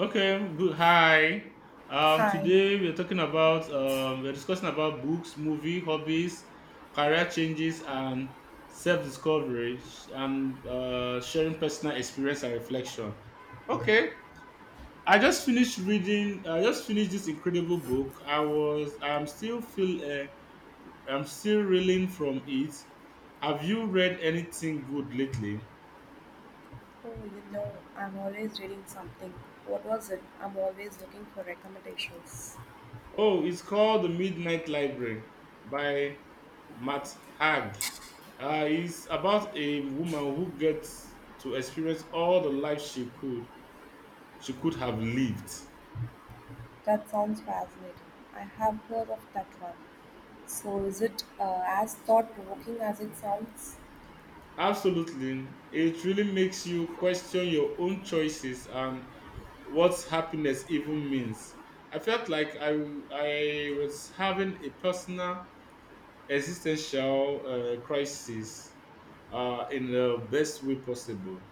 Okay, good. Hi. Hi. Today we are talking about we're discussing about books, movie, hobbies, career changes, and self-discovery, sh- and sharing personal experience and reflection. Okay, I Oh, just finished reading. I just finished this incredible book. I was. I'm still feel. I'm still reeling from it. Have you read anything good lately? oh, I'm always reading something. What was it? I'm always looking for recommendations. Oh, it's called The Midnight Library by Matt Haig. It's about a woman who gets to experience all the life she could have lived. That sounds fascinating. I have heard of that one. So, is it as thought provoking as it sounds? Absolutely, it really makes you question your own choices and what happiness even means. I felt like I was having a personal existential crisis in the best way possible.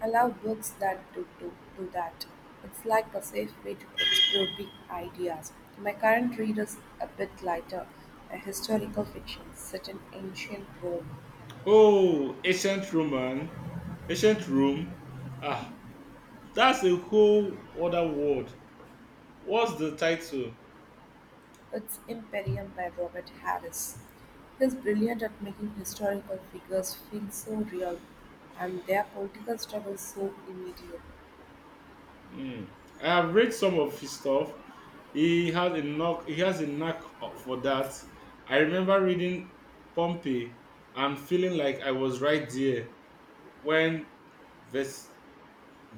I love books that do that. It's like a safe way to explore big ideas. My current read is a bit lighter, a historical fiction set in ancient Rome. Oh, ancient Rome. Ah, that's a whole other world. What's the title? It's Imperium by Robert Harris. He's brilliant at making historical figures feel so real and their political struggles so immediate. Hmm. I have read some of his stuff. He has a knock. He has a knack for that. I remember reading Pompey and feeling like I was right there when Ves-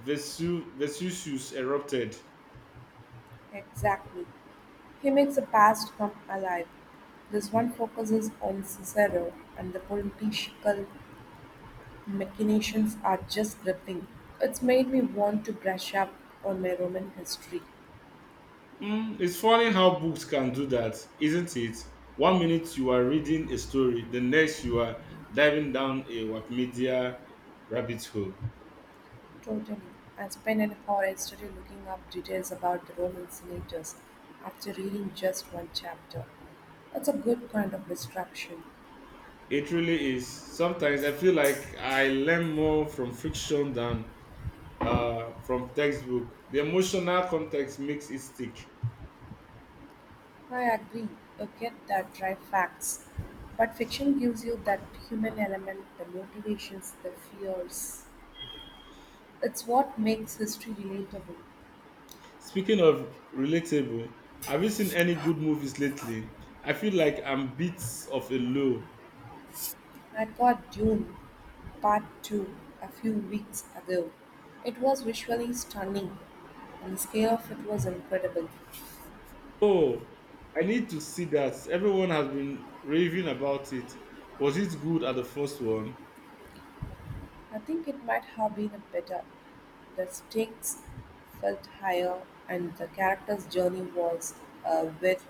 Vesuvius erupted. Exactly. He makes the past come alive. This one focuses on Cicero, and the political machinations are just gripping. It's made me want to brush up on my Roman history. Mm, it's funny how books can do that, isn't it? One minute you are reading a story, the next you are diving down a Wikimedia rabbit hole. Totally. I spent an hour yesterday looking up details about the Roman senators after reading just one chapter. That's a good kind of distraction. It really is. Sometimes I feel like I learn more from fiction than from textbook. The emotional context makes it stick. I agree, you get that dry facts. But fiction gives you that human element, the motivations, the fears. It's what makes history relatable. Speaking of relatable, have you seen any good movies lately? I feel like I'm bits of a low. I got Dune Part 2 a few weeks ago. It was visually stunning, and the scale of it was incredible. Oh, I need to see that. Everyone has been raving about it. Was it good at the first one? I think it might have been better. The stakes felt higher, and the character's journey was a with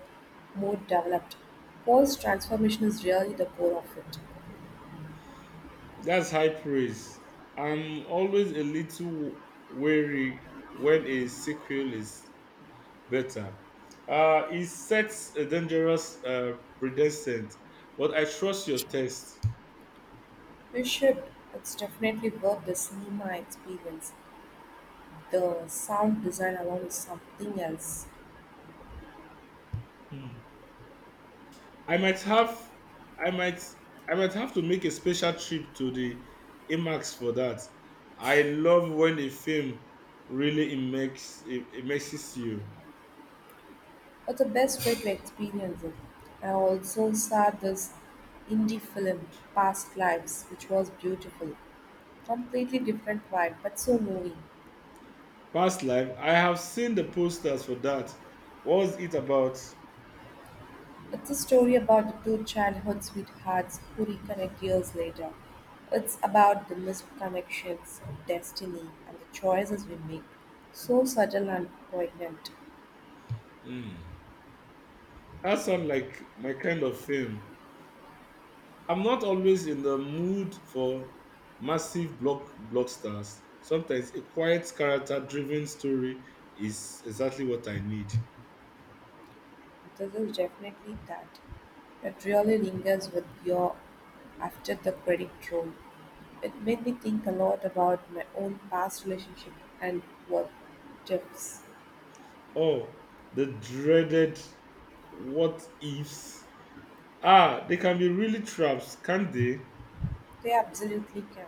more developed. Paul's transformation is really the core of it. That's high praise. I'm always a little wary when a sequel is better. It sets a dangerous precedent, but I trust your taste. You should. It's definitely worth the cinema experience. The sound design alone is something else. Hmm. I might have I might I might have to make a special trip to the IMAX for that. I love when a film really immerses you. It's the best way to experience it. I also saw this indie film, Past Lives, which was beautiful, completely different vibe, but so moving. Past life, I have seen the posters for that. What's it about? It's a story about the two childhood sweethearts who reconnect years later. It's about the missed connections, destiny, and the choices we make. So subtle and poignant. Hmm. That sounds like my kind of film. I'm not always in the mood for massive blocksters. Sometimes a quiet character driven story is exactly what I need. This is definitely that. It really lingers with you after the credit roll. It made me think a lot about my own past relationship and what ifs. Oh, the dreaded what ifs. Ah, they can be really traps, can't they? They absolutely can.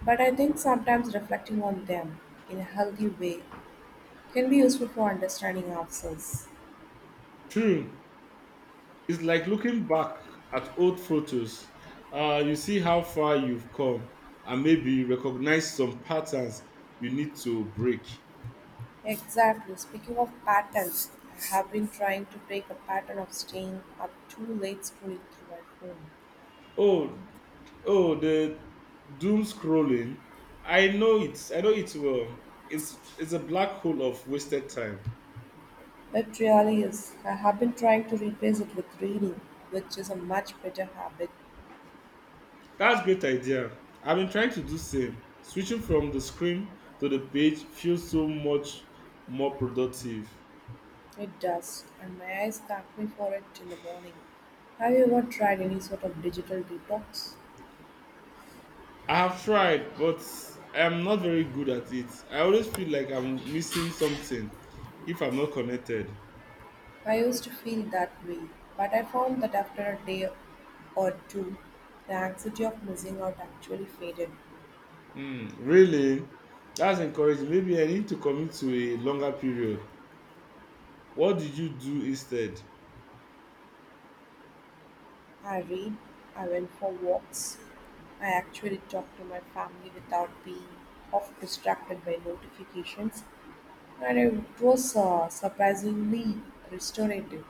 But I think sometimes reflecting on them in a healthy way can be useful for understanding ourselves. True. It's like looking back at old photos. You see how far you've come and maybe recognize some patterns you need to break. Exactly. Speaking of patterns, I have been trying to break a pattern of staying up too late scrolling through my phone. Oh, oh, the doom scrolling. I know it. I know it well. It's a black hole of wasted time. It really is. I have been trying to replace it with reading, which is a much better habit. That's great idea. I've been trying to do same. Switching from the screen to the page feels so much more productive. It does, and my eyes thank me for it in the morning. Have you ever tried any sort of digital detox? I have tried, but I'm not very good at it. I always feel like I'm missing something if I'm not connected. I used to feel that way, but I found that after a day or two, the anxiety of missing out actually faded. Hmm, really? That's encouraging. Maybe I need to commit to a longer period. What did you do instead? I read, I went for walks, I actually talked to my family without being off distracted by notifications, and it was surprisingly restorative.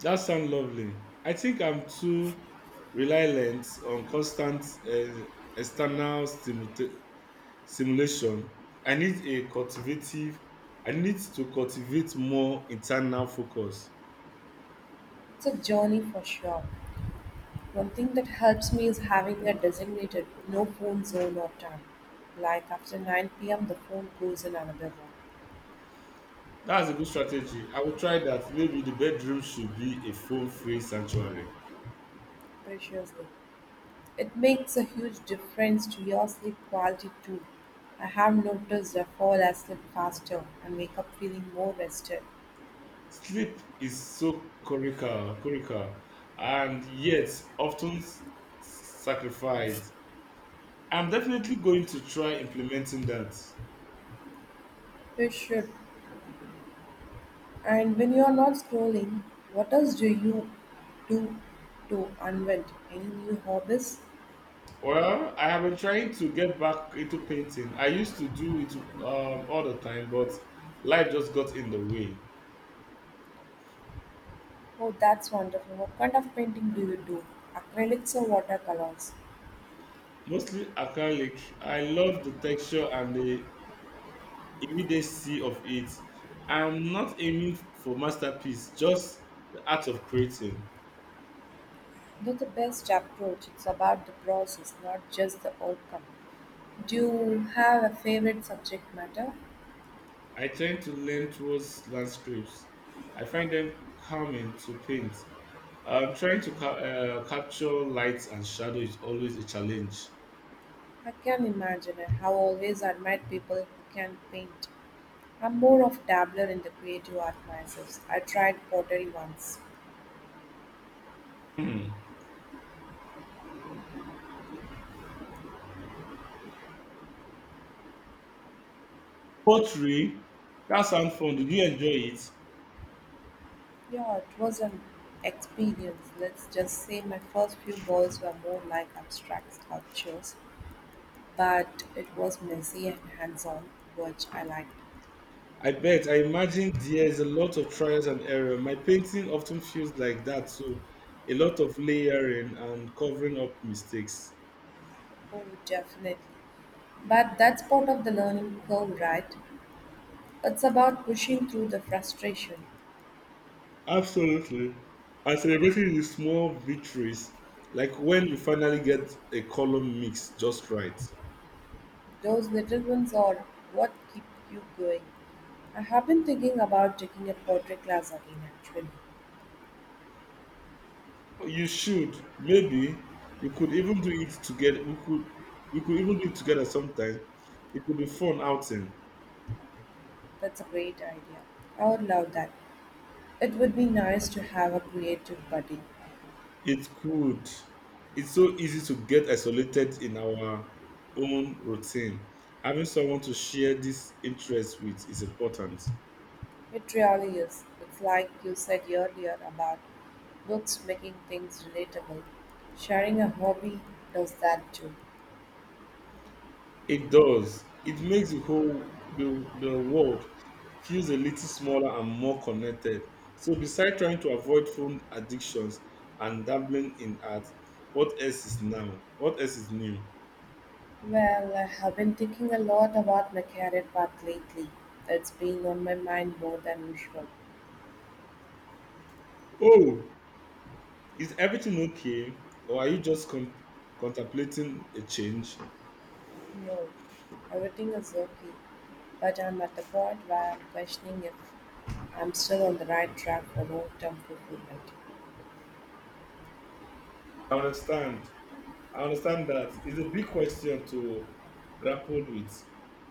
That sounds lovely. I think I'm too reliant on constant uh, external stimulation Simulation. I need a cultivative, I need to cultivate more internal focus. It's a journey for sure. One thing that helps me is having a designated no phone zone or time. Like after 9 p.m., the phone goes in another room, That's a good strategy. I will try that. Maybe the bedroom should be a phone free sanctuary. preciously. It makes a huge difference to your sleep quality too. I have noticed I fall asleep faster and wake up feeling more rested. Sleep is so curricular and yet often sacrificed. I'm definitely going to try implementing that. You should. And when you are not scrolling, what else do you do to unwind? Any new hobbies? Well, I have been trying to get back into painting. I used to do it all the time, but life just got in the way. Oh, that's wonderful. What kind of painting do you do? Acrylics or watercolors? Mostly acrylic. I love the texture and the immediacy of it. I'm not aiming for masterpiece, just the art of creating. They the best approach. It's about the process, not just the outcome. Do you have a favorite subject matter? I tend to lean towards landscapes. I find them calming to paint. Trying to capture light and shadow is always a challenge. I can imagine. I have always admired people who can paint. I'm more of dabbler in the creative art myself. I tried pottery once. Pottery, that sounds fun. Did you enjoy it? Yeah, it was an experience. Let's just say my first few balls were more like abstract sculptures, but it was messy and hands-on, which I liked. I bet. I imagine there's a lot of trials and error. My painting often feels like that too. A lot of layering and covering up mistakes. Oh, definitely. But that's part of the learning curve, right? It's about pushing through the frustration. Absolutely. And celebrating the small victories, like when you finally get a color mix just right. Those little ones are what keep you going. I have been thinking about taking a pottery class again, actually. You should. Maybe you could even do it together. We could even do it together sometime. It could be fun outing. That's a great idea. I would love that. It would be nice to have a creative buddy. It could. It's so easy to get isolated in our own routine. Having someone to share this interest with is important. It really is. It's like you said earlier about books making things relatable. Sharing a hobby does that too. It does. It makes the whole the world feels a little smaller and more connected. So besides trying to avoid phone addictions and dabbling in art, what else is now? What else is new? Well, I have been thinking a lot about my career path lately. It's been on my mind more than usual. Oh, is everything okay? Or are you just contemplating a change? No, everything is okay. But I'm at the point where I'm questioning if I'm still on the right track for long term fulfillment. I understand. I understand that. It's a big question to grapple with.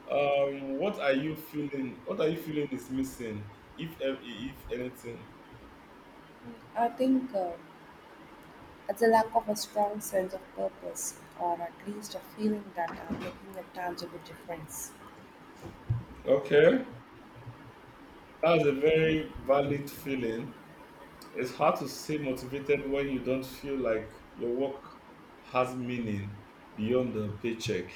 What are you feeling? What are you feeling is missing, if anything? I think it's a lack of a strong sense of purpose, or at least a feeling that I'm making a tangible difference. Okay, that's a very valid feeling. It's hard to stay motivated when you don't feel like your work has meaning beyond the paycheck.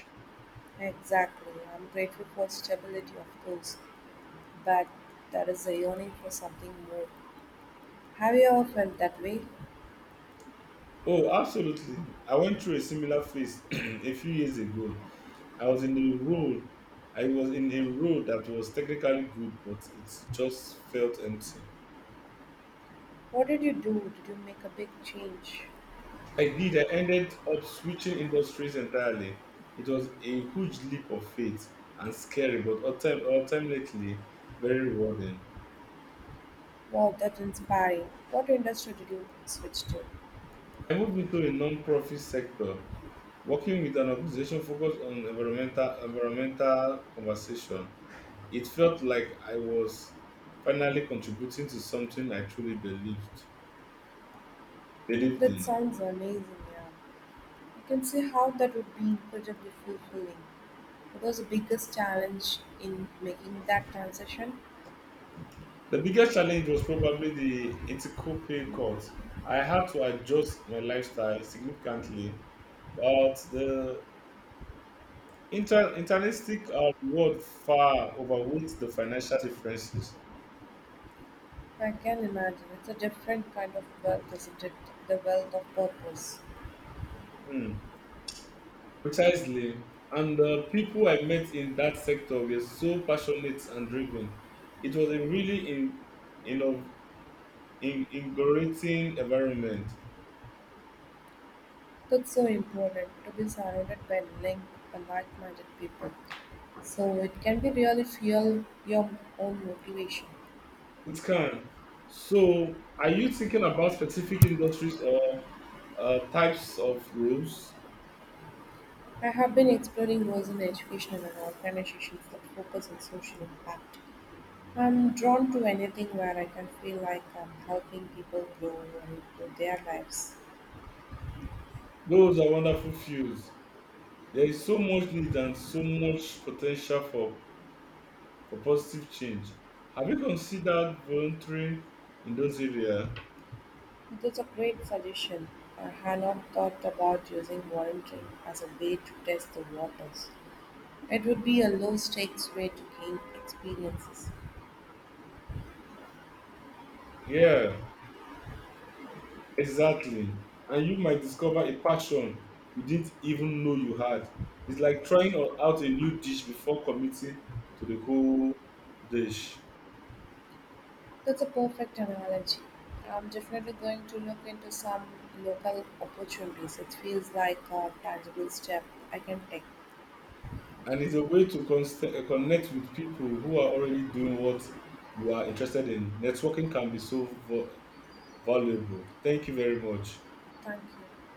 Exactly. I'm grateful for stability, of course, but there is a yearning for something more. Have you ever felt that way? Oh, absolutely. I went through a similar phase a few years ago. I was in a role. I was in a role that was technically good, but it just felt empty. What did you do? Did you make a big change? I did. I ended up switching industries entirely. It was a huge leap of faith and scary, but ultimately very rewarding. Wow, that's inspiring. What industry did you switch to? I moved into a non-profit sector, working with an organization focused on environmental conversation. It felt like I was finally contributing to something I truly believed That in. sounds amazing, yeah. I can see how that would be incredibly fulfilling. What was the biggest challenge in making that transition? The biggest challenge was probably the ethical pay cut. I had to adjust my lifestyle significantly, but the internalistic reward far outweighs the financial differences. I can imagine. It's a different kind of wealth, isn't it? The wealth of purpose. Hmm. Precisely. And the people I met in that sector were so passionate and driven. It was a really you know, in invigorating environment. That's so important to be surrounded by linked and like minded people. So it can be really fuel your own motivation. It can. So, are you thinking about specific industries or types of roles? I have been exploring roles in education and organizations that focus on social impact. I'm drawn to anything where I can feel like I'm helping people grow and improve their lives. Those are wonderful fields. There is so much need and so much potential for positive change. Have you considered volunteering in those areas? That's a great suggestion. I had not thought about using volunteering as a way to test the waters. It would be a low stakes way to gain experiences. Yeah. Exactly. And you might discover a passion you didn't even know you had. It's like trying out a new dish before committing to the whole dish. That's a perfect analogy. I'm definitely going to look into some local opportunities. It feels like a tangible step I can take. And it's a way to connect with people who are already doing what you are interested in. Networking can be so valuable. Thank you very much. Thank you.